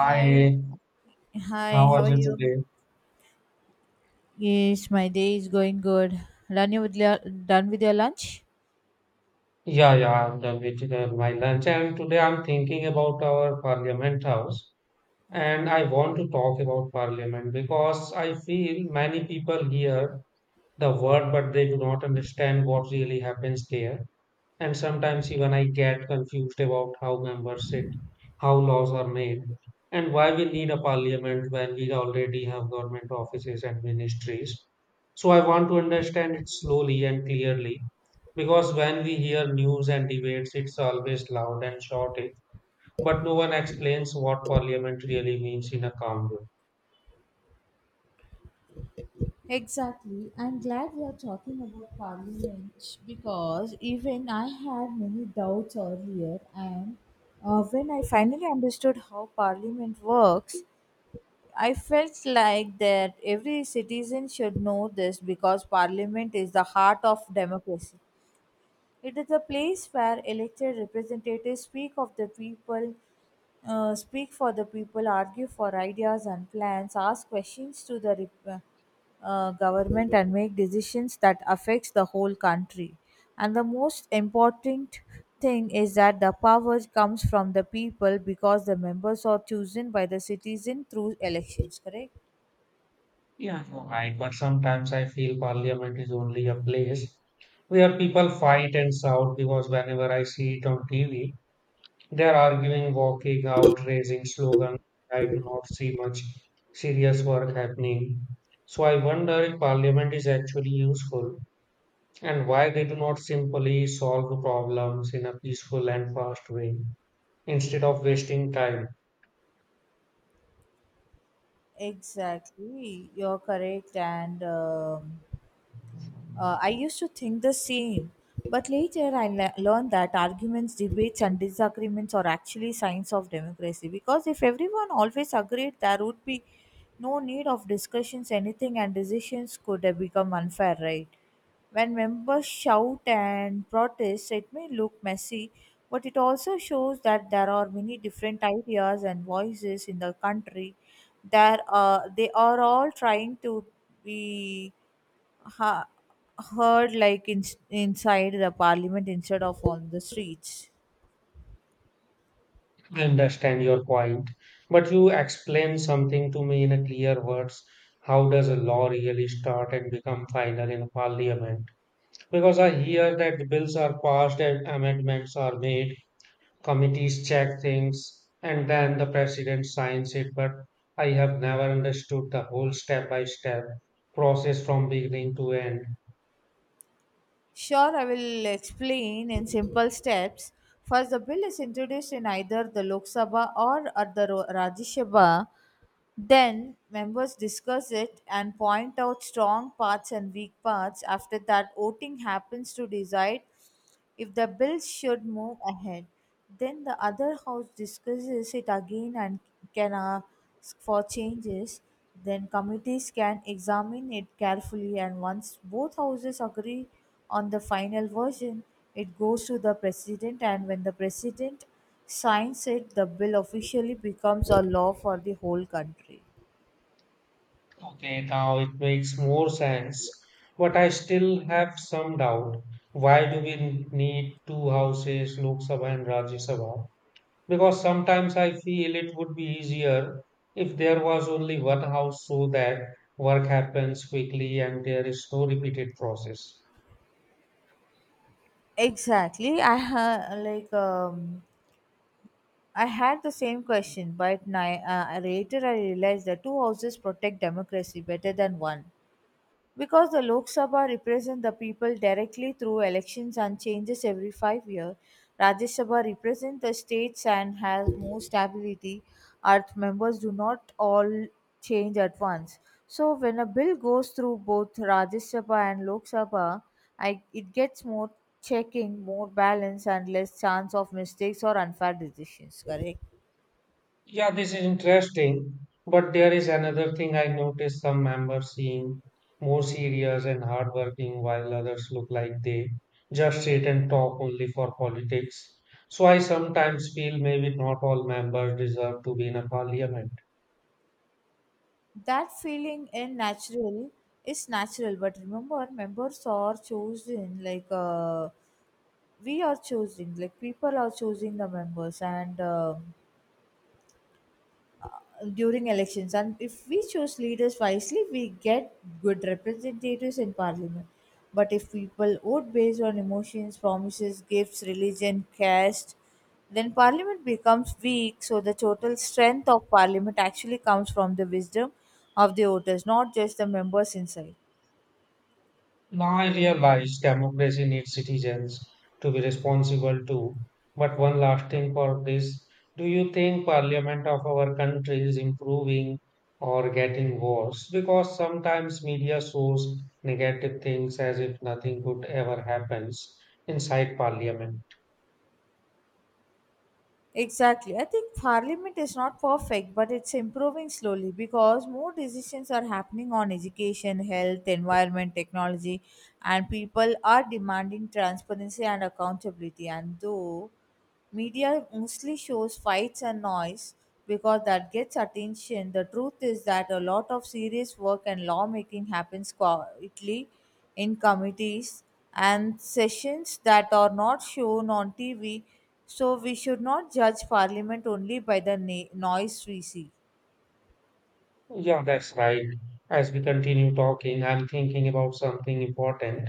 Hi, hi, how how are are you you? today? Yes, my day is going good. Done you with your, done with your lunch? Yeah, yeah, I'm done with my lunch, and today I'm thinking about our Parliament House, Okay. and I want to talk about Parliament because I feel many people hear the word but they do not understand what really happens there. And sometimes even I get confused about how members sit, how laws are made, and why we need a parliament when we already have government offices and ministries. So I want to understand it slowly and clearly because when we hear news and debates, it's always loud and shouting, but no one explains what parliament really means in a calm way. Exactly. I'm glad we are talking about parliament because even I had many doubts earlier, and when I finally understood how parliament works, I felt like that every citizen should know this because parliament is the heart of democracy. It is a place where elected representatives speak of the people, speak for the people, argue for ideas and plans, ask questions to the government, and make decisions that affects the whole country. And the most important thing is that the power comes from the people because the members are chosen by the citizen through elections. Correct? Yeah, you're right, but sometimes I feel parliament is only a place where people fight and shout because whenever I see it on TV, they're arguing, walking out, raising slogans. I do not see much serious work happening. So I wonder if parliament is actually useful and why they do not simply solve the problems in a peaceful and fast way instead of wasting time. Exactly, you're correct, and. I used to think the same, but later I learned that arguments, debates, and disagreements are actually signs of democracy because if everyone always agreed, there would be no need of discussions, anything, and decisions could have become unfair, right? When members shout and protest, it may look messy, but it also shows that there are many different ideas and voices in the country. That they are all trying to be ha- heard inside the parliament instead of on the streets. I understand your point, but you explain something to me in a clear words. How does a law really start and become final in parliament? Because I hear that bills are passed and amendments are made, committees check things and then the president signs it, but I have never understood the whole step by step process from beginning to end. Sure, I will explain in simple steps. First, the bill is introduced in either the Lok Sabha or at the Rajya Sabha. Then, members discuss it and point out strong parts and weak parts. After that, voting happens to decide if the bill should move ahead. Then, the other house discusses it again and can ask for changes. Then, committees can examine it carefully, and once both houses agree, on the final version, it goes to the President and when the President signs it, the bill officially becomes a law for the whole country. Okay, now it makes more sense, but I still have some doubt. Why do we need two houses, Lok Sabha and Rajya Sabha, because sometimes I feel it would be easier if there was only one house so that work happens quickly and there is no repeated process. Exactly. I ha- like I had the same question, but later I realized that two houses protect democracy better than one. Because the Lok Sabha represents the people directly through elections and changes every 5 years, Rajya Sabha represents the states and has more stability. Earth members do not all change at once. So when a bill goes through both Rajya Sabha and Lok Sabha, it gets more checking, more balance, and less chance of mistakes or unfair decisions. Correct. Yeah, this is interesting. But there is another thing I noticed, some members seem more serious and hardworking while others look like they just sit and talk only for politics. So I sometimes feel maybe not all members deserve to be in a parliament. That feeling in natural is natural, but remember, members are chosen. We are choosing, like people are choosing the members, and during elections, and if we choose leaders wisely we get good representatives in parliament. But if people vote based on emotions, promises, gifts, religion, caste, then parliament becomes weak. So the total strength of parliament actually comes from the wisdom of the voters, not just the members inside. Now I realize democracy needs citizens to be responsible too. But one last thing for this. Do you think parliament of our country is improving or getting worse? Because sometimes media shows negative things as if nothing good ever happens inside parliament. Exactly. I think parliament is not perfect, but it's improving slowly because more decisions are happening on education, health, environment, technology, and people are demanding transparency and accountability. And though media mostly shows fights and noise because that gets attention, the truth is that a lot of serious work and lawmaking happens quietly in committees and sessions that are not shown on TV. So we should not judge Parliament only by the noise we see. Yeah, that's right. As we continue talking, I'm thinking about something important,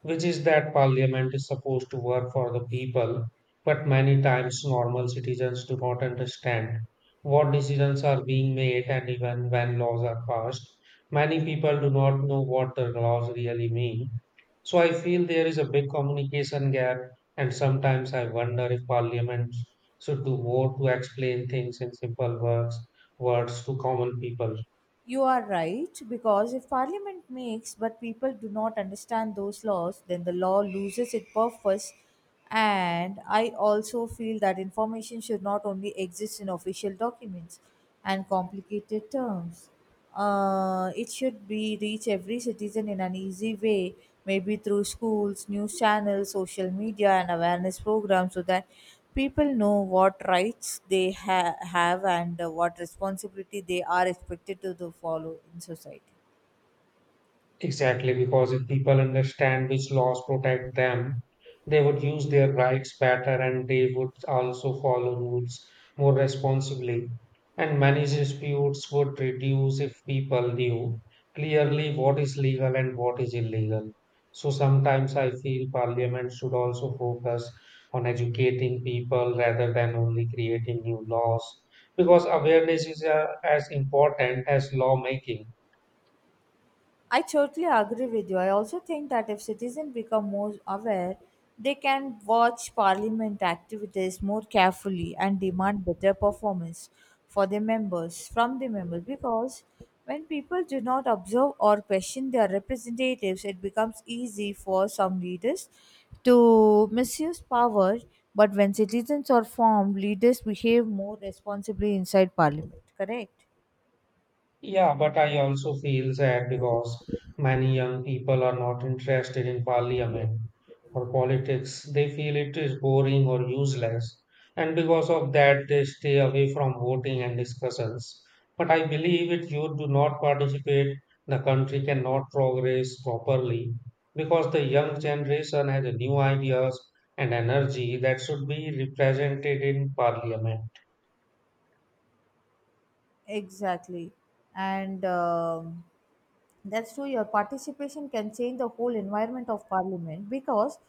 which is that parliament is supposed to work for the people, but many times normal citizens do not understand what decisions are being made, and even when laws are passed, many people do not know what the laws really mean. So I feel there is a big communication gap, and sometimes I wonder if parliament should do more to explain things in simple words, words to common people. You are right, because if Parliament makes but people do not understand those laws, then the law loses its purpose. And I also feel that information should not only exist in official documents and complicated terms. It should be reach every citizen in an easy way, maybe through schools, news channels, social media, and awareness programs, so that people know what rights they have and what responsibility they are expected to follow in society. Exactly, because if people understand which laws protect them, they would use their rights better and they would also follow rules more responsibly. And many disputes would reduce if people knew clearly what is legal and what is illegal. So sometimes I feel parliament should also focus on educating people rather than only creating new laws because awareness is as important as lawmaking. I totally agree with you. I also think that if citizens become more aware, they can watch parliament activities more carefully and demand better performance for their members from the members because when people do not observe or question their representatives, it becomes easy for some leaders to misuse power. But when citizens are formed, leaders behave more responsibly inside parliament. Correct? Yeah, but I also feel sad because many young people are not interested in parliament or politics. They feel it is boring or useless, and because of that, they stay away from voting and discussions. But I believe if you do not participate, the country cannot progress properly because the young generation has new ideas and energy that should be represented in parliament. Exactly. And that's true, your participation can change the whole environment of parliament because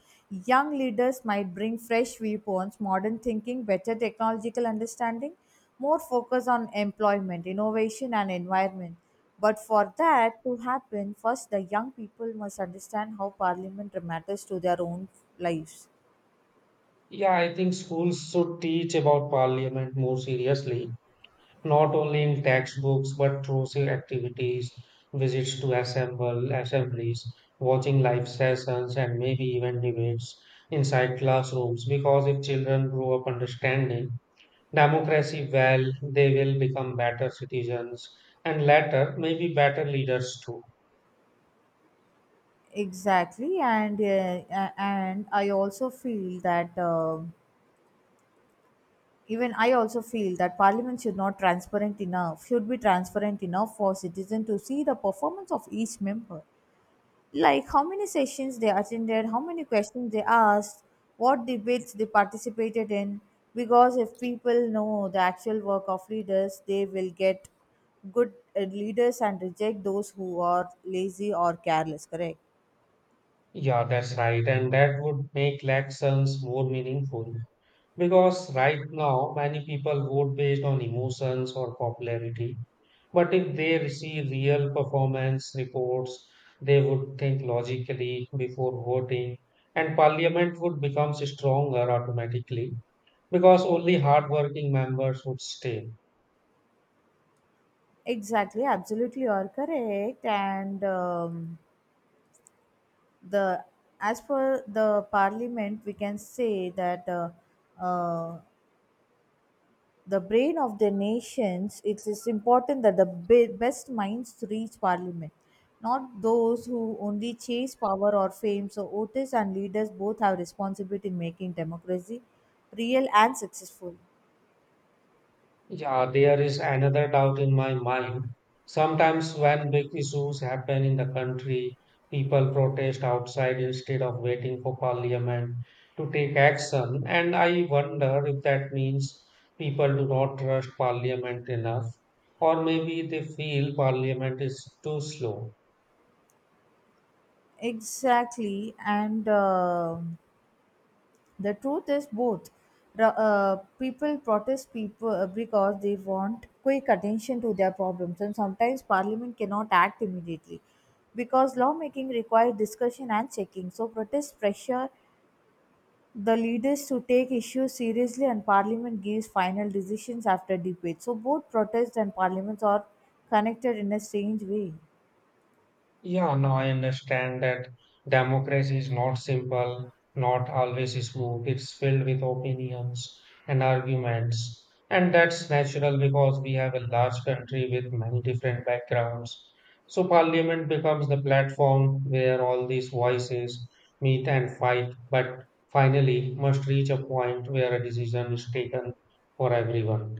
young leaders might bring fresh viewpoints, modern thinking, better technological understanding, more focus on employment, innovation, and environment. But for that to happen, first the young people must understand how parliament matters to their own lives. Yeah, I think schools should teach about parliament more seriously, not only in textbooks but through say, activities, visits to assemble assemblies, watching live sessions, and maybe even debates inside classrooms. Because if children grow up understanding democracy well, they will become better citizens and later maybe better leaders too. Exactly, and and I also feel that. Even I also feel that parliament should not transparent enough, should be transparent enough for citizens to see the performance of each member. Like how many sessions they attended, how many questions they asked, what debates they participated in. Because if people know the actual work of leaders, they will get good leaders and reject those who are lazy or careless, correct? Yeah, that's right, and that would make elections more meaningful. Because right now, many people vote based on emotions or popularity. But if they receive real performance reports, they would think logically before voting, and parliament would become stronger automatically because only hardworking members would stay. Exactly, absolutely, you are correct, and the as for the parliament we can say that uh, the brain of the nations, it is important that the best minds reach parliament, not those who only chase power or fame. So voters and leaders both have responsibility in making democracy real and successful. Yeah, there is another doubt in my mind. Sometimes, when big issues happen in the country, people protest outside instead of waiting for parliament to take action. And I wonder if that means people do not trust parliament enough, or maybe they feel parliament is too slow. Exactly, and the truth is both. Ra- Uh, people because they want quick attention to their problems, and sometimes Parliament cannot act immediately because lawmaking requires discussion and checking. So protests pressure the leaders to take issues seriously, and Parliament gives final decisions after debate. So both protests and parliaments are connected in a strange way. Yeah, now I understand that democracy is not simple, not always smooth. It's filled with opinions and arguments. And that's natural because we have a large country with many different backgrounds. So, parliament becomes the platform where all these voices meet and fight, but finally must reach a point where a decision is taken for everyone.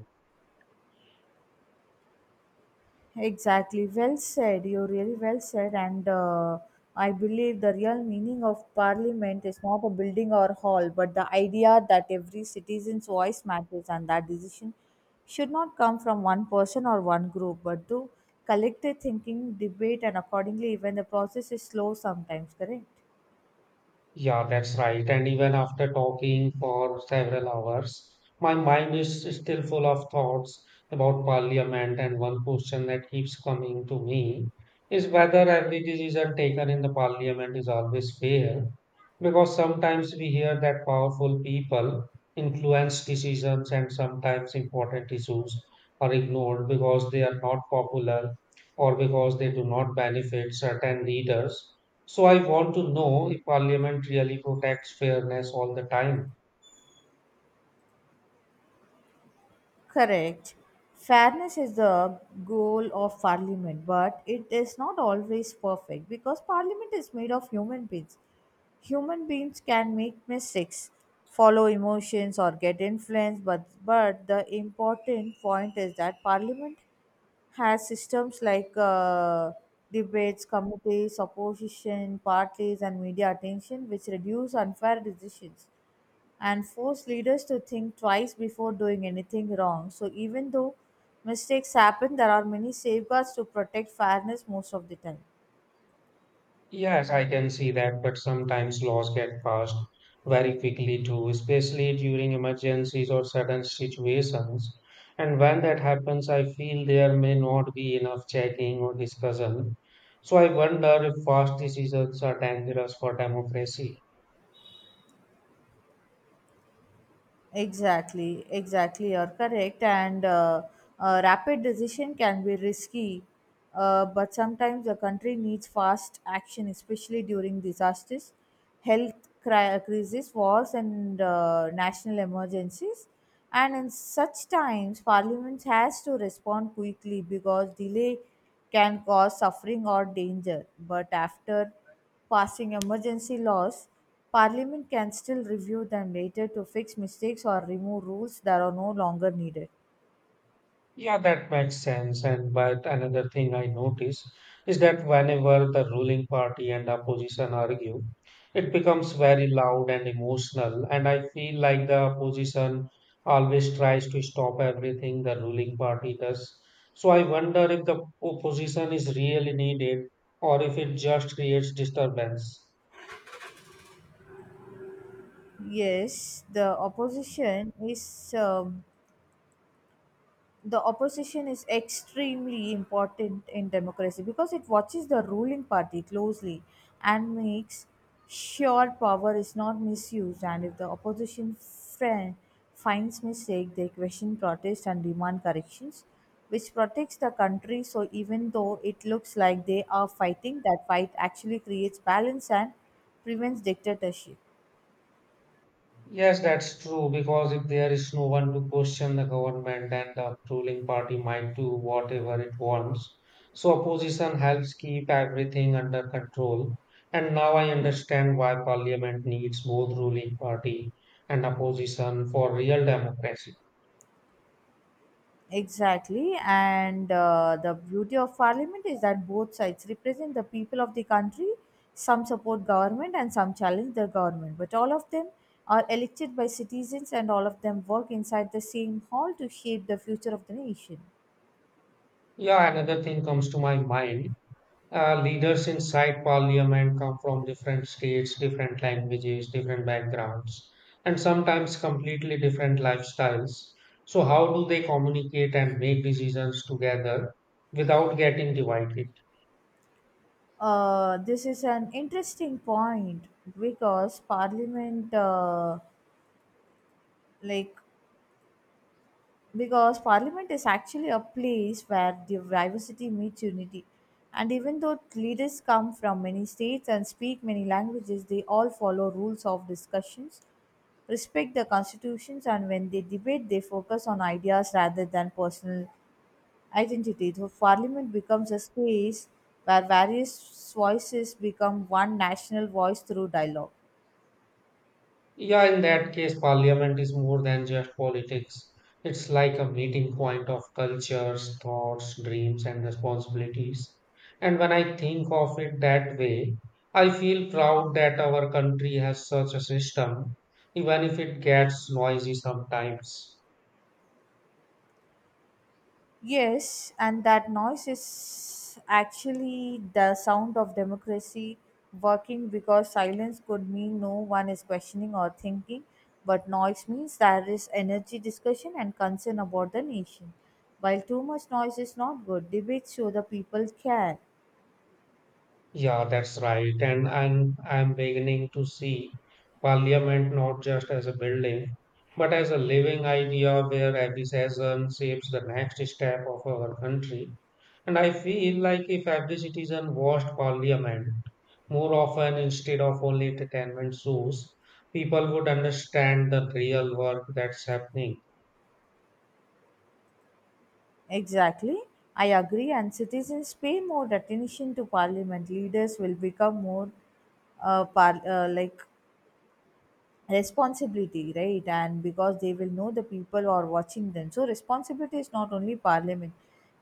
Exactly. Well said. You really well said. And I believe the real meaning of parliament is not a building or hall, but the idea that every citizen's voice matters and that decision should not come from one person or one group, but through collective thinking, debate, and accordingly, even the process is slow sometimes, correct? Yeah, that's right. And even after talking for several hours, my mind is still full of thoughts about parliament. And one question that keeps coming to me is whether every decision taken in the parliament is always fair. Because sometimes we hear that powerful people influence decisions, and sometimes important issues are ignored because they are not popular or because they do not benefit certain leaders. So I want to know if Parliament really protects fairness all the time. Correct. Fairness is the goal of parliament, but it is not always perfect because parliament is made of human beings. Human beings can make mistakes, follow emotions, or get influenced, but the important point is that parliament has systems like debates, committees, opposition, parties, and media attention, which reduce unfair decisions and force leaders to think twice before doing anything wrong. So, even though mistakes happen, there are many safeguards to protect fairness most of the time. Yes, I can see that, but sometimes laws get passed very quickly too, especially during emergencies or sudden situations. And when that happens, I feel there may not be enough checking or discussion. So I wonder if fast decisions are dangerous for democracy. Exactly, exactly. You're correct. And rapid decision can be risky, but sometimes a country needs fast action, especially during disasters, health crises, wars, and national emergencies. And in such times, parliament has to respond quickly because delay can cause suffering or danger. But after passing emergency laws, Parliament can still review them later to fix mistakes or remove rules that are no longer needed. Yeah, that makes sense. And but another thing I notice is that whenever the ruling party and opposition argue, it becomes very loud and emotional. And I feel like the opposition always tries to stop everything the ruling party does. So I wonder if the opposition is really needed or if it just creates disturbance. Yes, the opposition is. The opposition is extremely important in democracy because it watches the ruling party closely and makes sure power is not misused. And if the opposition friend finds mistake, they question, protest, and demand corrections, which protects the country. So even though it looks like they are fighting, that fight actually creates balance and prevents dictatorship. Yes, that's true, because if there is no one to question the government, then the ruling party might do whatever it wants. So opposition helps keep everything under control. And now I understand why parliament needs both ruling party and opposition for real democracy. Exactly, and the beauty of parliament is that both sides represent the people of the country. Some support government and some challenge the government, but all of them are elected by citizens and all of them work inside the same hall to shape the future of the nation. Yeah, another thing comes to my mind. Leaders inside parliament come from different states, different languages, different backgrounds, and sometimes completely different lifestyles. So, how do they communicate and make decisions together without getting divided? This is an interesting point because parliament like because parliament is actually a place where diversity meets unity, and even though leaders come from many states and speak many languages, they all follow rules of discussions, respect the constitutions, and when they debate they focus on ideas rather than personal identity. So parliament becomes a space where various voices become one national voice through dialogue. Yeah, in that case, parliament is more than just politics. It's like a meeting point of cultures, thoughts, dreams, and responsibilities. And when I think of it that way, I feel proud that our country has such a system, even if it gets noisy sometimes. Yes, and that noise is actually the sound of democracy working because silence could mean no one is questioning or thinking, but noise means there is energy, discussion, and concern about the nation. While too much noise is not good, debates show the people care. Yeah, that's right. And I'm beginning to see parliament not just as a building, but as a living idea where every session shapes the next step of our country. And I feel like if every citizen watched parliament more often instead of only entertainment shows, people would understand the real work that's happening. Exactly, I agree, and citizens pay more attention to parliament. Leaders will become more uh, par- uh, like responsibility, right? And because they will know the people are watching them, so responsibility is not only parliament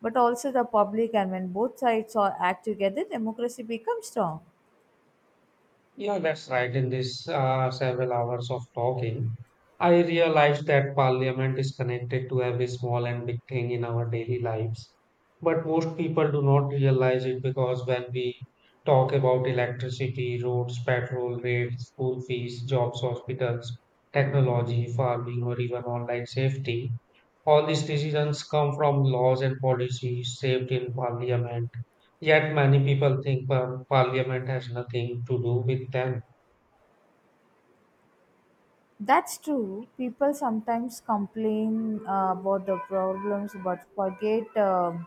but also the public, and when both sides are act together democracy becomes strong. Yeah, that's right. In this several hours of talking, I realized that parliament is connected to every small and big thing in our daily lives. But most people do not realize it because when we talk about electricity, roads, petrol rates, school fees, jobs, hospitals, technology, farming, or even online safety, all these decisions come from laws and policies shaped in parliament. Yet many people think parliament has nothing to do with them. That's true, people sometimes complain about the problems but forget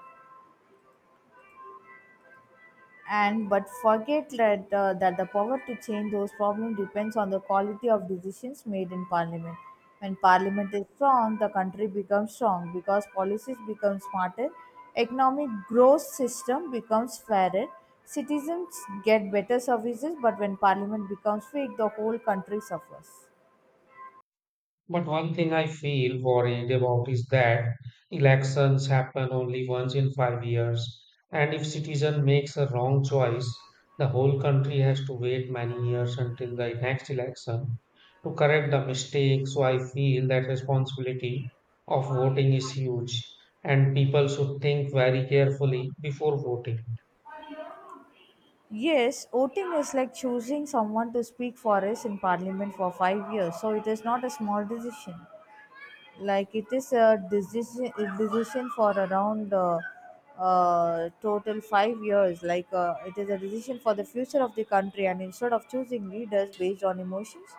and but forget that, that the power to change those problems depends on the quality of decisions made in parliament. When parliament is strong the country becomes strong because policies become smarter, economic growth system becomes fairer, citizens get better services. But when parliament becomes weak the whole country suffers. But one thing I feel worried about is that elections happen only once in 5 years, and if citizen makes a wrong choice, the whole country has to wait many years until the next election to correct the mistake. So I feel that responsibility of voting is huge, and people should think very carefully before voting. Yes, voting is like choosing someone to speak for us in parliament for 5 years, so it is not a small decision. Like it is a decision for around total 5 years, like it is a decision for the future of the country. And instead of choosing leaders based on emotions,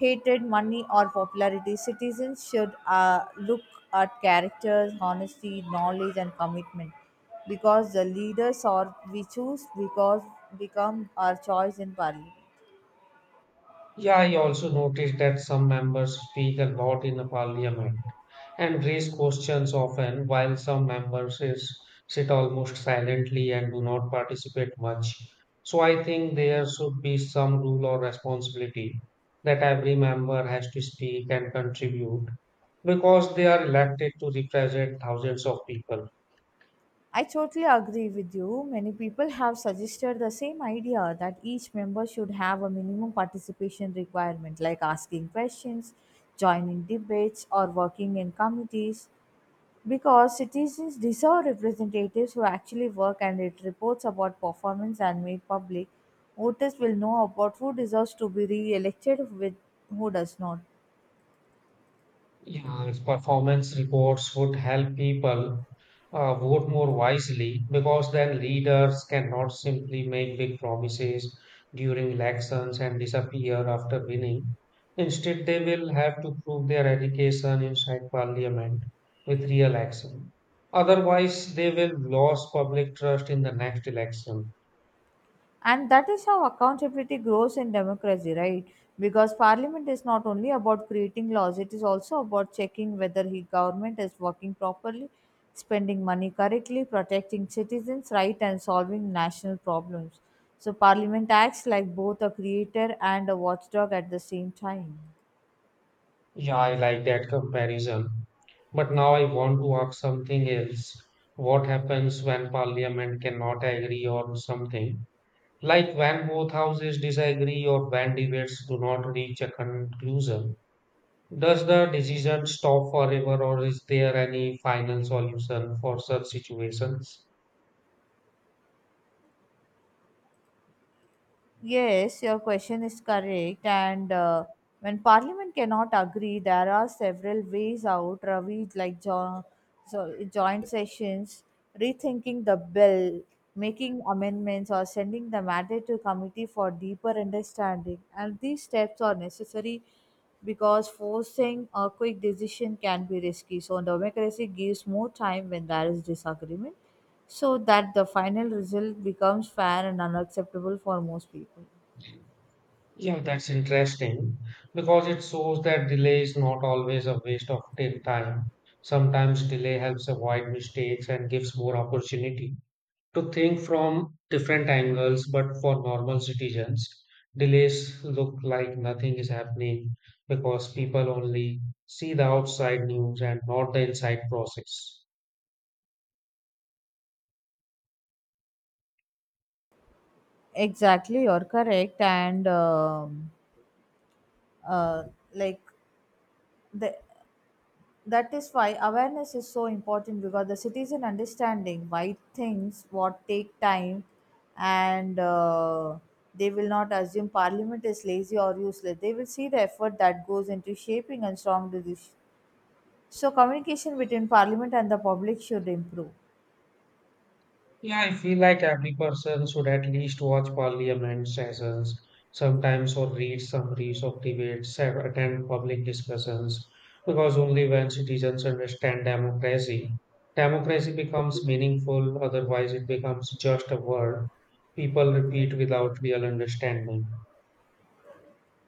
hatred, money, or popularity, citizens should look at characters, honesty, knowledge, and commitment, because the leaders or we choose because become our choice in parliament. Yeah, I also noticed that some members speak a lot in the parliament and raise questions often, while some members is, sit almost silently and do not participate much. So I think there should be some rule or responsibility that every member has to speak and contribute because they are elected to represent thousands of people. I totally agree with you. Many people have suggested the same idea that each member should have a minimum participation requirement, like asking questions, joining debates, or working in committees, because citizens deserve representatives who actually work, and it reports about performance and made public. Voters will know about who deserves to be re elected with who does not. Yeah, and performance reports would help people vote more wisely because then leaders cannot simply make big promises during elections and disappear after winning. Instead, they will have to prove their education inside parliament with real action. Otherwise, they will lose public trust in the next election. And that is how accountability grows in democracy, right? Because parliament is not only about creating laws, it is also about checking whether the government is working properly, spending money correctly, protecting citizens' rights, and solving national problems. So, parliament acts like both a creator and a watchdog at the same time. Yeah, I like that comparison. But now I want to ask something else. What happens when parliament cannot agree on something? Like when both houses disagree or when debates do not reach a conclusion? Does the decision stop forever or is there any final solution for such situations? Yes, your question is correct. And When Parliament cannot agree, there are several ways out, Ravi, like joint sessions, rethinking the bill, making amendments, or sending the matter to committee for deeper understanding. And these steps are necessary because forcing a quick decision can be risky. So, democracy gives more time when there is disagreement so that the final result becomes fair and unacceptable for most people. Yeah, that's interesting because it shows that delay is not always a waste of time. Sometimes delay helps avoid mistakes and gives more opportunity to think from different angles. But for normal citizens, delays look like nothing is happening because people only see the outside news and not the inside process. Exactly, you're correct, and uh, like the, that is why awareness is so important, because the citizen understanding why things what take time, and they will not assume parliament is lazy or useless. They will see the effort that goes into shaping and strong decisions. So communication between parliament and the public should improve. Yeah, I feel like every person should at least watch parliament sessions sometimes or read summaries of debates, and attend public discussions, because only when citizens understand democracy, democracy becomes meaningful, otherwise it becomes just a word people repeat without real understanding.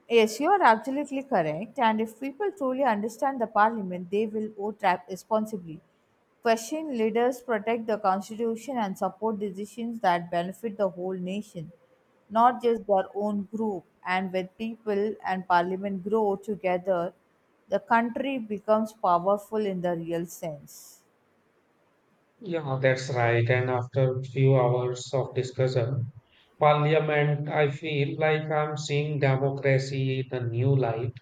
Yes, you are absolutely correct. And if people truly understand the parliament, they will vote responsibly. Question leaders, protect the constitution, and support decisions that benefit the whole nation, not just their own group. And when people and parliament grow together, the country becomes powerful in the real sense. Yeah, that's right. And after few hours of discussion, parliament, I feel like I'm seeing democracy in a new light.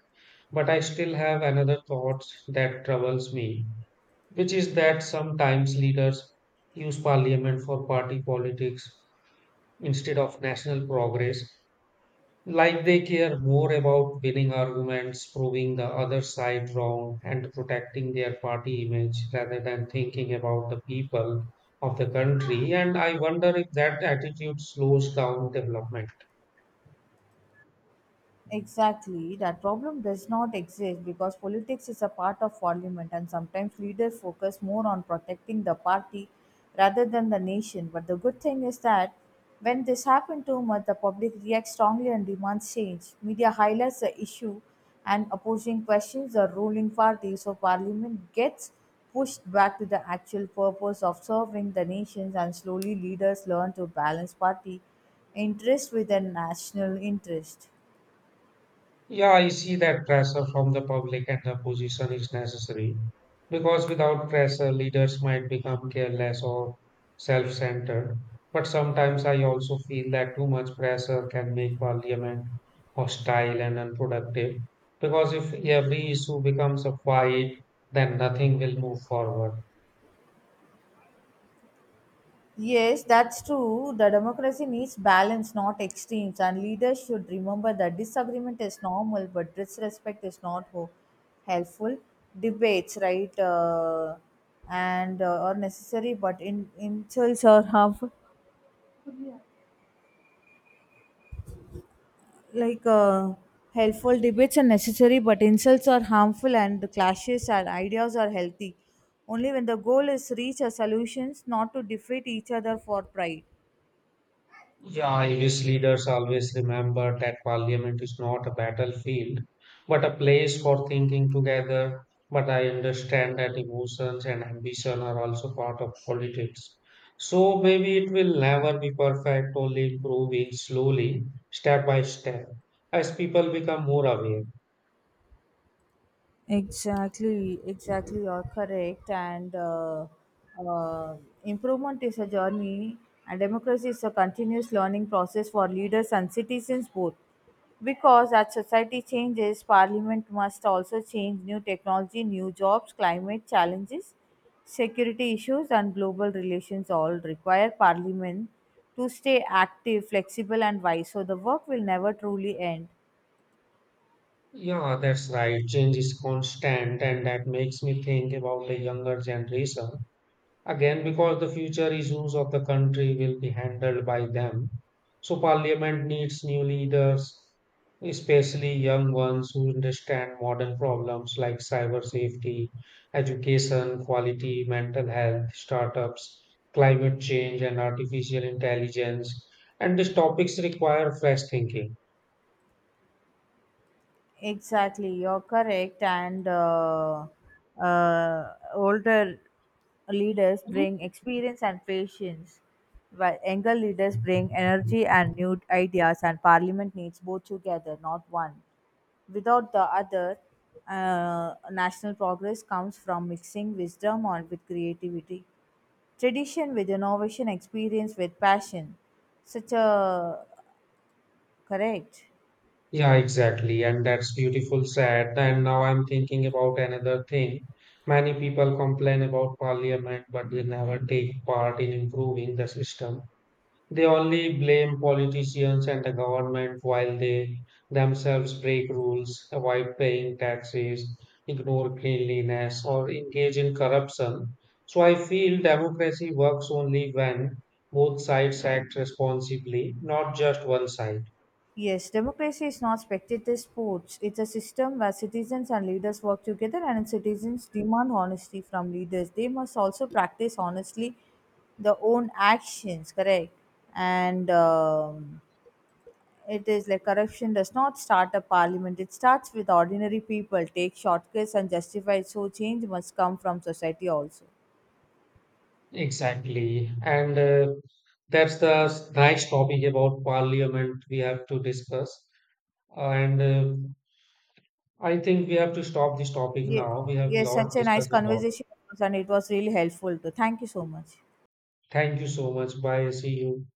But I still have another thought that troubles me, which is that sometimes leaders use parliament for party politics instead of national progress, like they care more about winning arguments, proving the other side wrong, and protecting their party image rather than thinking about the people of the country. And I wonder if that attitude slows down development. Exactly, that problem does not exist because politics is a part of parliament, and sometimes leaders focus more on protecting the party rather than the nation. But the good thing is that when this happens too much, the public reacts strongly and demands change. Media highlights the issue and opposing questions the ruling party, so parliament gets pushed back to the actual purpose of serving the nations, and slowly leaders learn to balance party interest with their national interest. Yeah, I see that pressure from the public and the opposition is necessary because without pressure, leaders might become careless or self centered. But sometimes I also feel that too much pressure can make parliament hostile and unproductive because if every issue becomes a fight, then nothing will move forward. Yes, that's true. The democracy needs balance, not extremes. And leaders should remember that disagreement is normal, but disrespect is not helpful. Debates, right, and are necessary, but in insults are harmful. Like uh, Helpful debates are necessary, but insults are harmful, and the clashes and ideas are healthy. Only when the goal is reach a solutions, not to defeat each other for pride. Yeah, English leaders always remember that parliament is not a battlefield, but a place for thinking together. But I understand that emotions and ambition are also part of politics. So maybe it will never be perfect, only improving slowly, step by step, as people become more aware. Exactly, exactly, you're correct. And uh, Improvement is a journey, and democracy is a continuous learning process for leaders and citizens both. Because as society changes, parliament must also change. New technology, new jobs, climate challenges, security issues, and global relations all require parliament to stay active, flexible, and wise. So the work will never truly end. Yeah, that's right. Change is constant, and that makes me think about the younger generation again, because the future issues of the country will be handled by them. So, parliament needs new leaders, especially young ones who understand modern problems like cyber safety, education, quality, mental health, startups, climate change, and artificial intelligence. And these topics require fresh thinking. Exactly, you're correct. And Older leaders Mhm. bring experience and patience, while younger leaders bring energy and new ideas. And Parliament needs both together, not one. Without the other, national progress comes from mixing wisdom on with creativity, tradition with innovation, experience with passion. Such a correct. Yeah, exactly. And that's beautiful said. And now I'm thinking about another thing. Many people complain about parliament, but they never take part in improving the system. They only blame politicians and the government while they themselves break rules, avoid paying taxes, ignore cleanliness, or engage in corruption. So I feel democracy works only when both sides act responsibly, not just one side. Yes, democracy is not spectator sports. It's a system where citizens and leaders work together, and citizens demand honesty from leaders. They must also practice honestly their own actions, correct? And It is like corruption does not start a parliament, it starts with ordinary people, take shortcuts and justify. So, change must come from society also. Exactly. And That's the nice topic about parliament we have to discuss. And I think we have to stop this topic Ye- now. We have Yes, such lot a nice discussed a lot. conversation, and it was really helpful too. Thank you so much. Thank you so much. Bye. See you.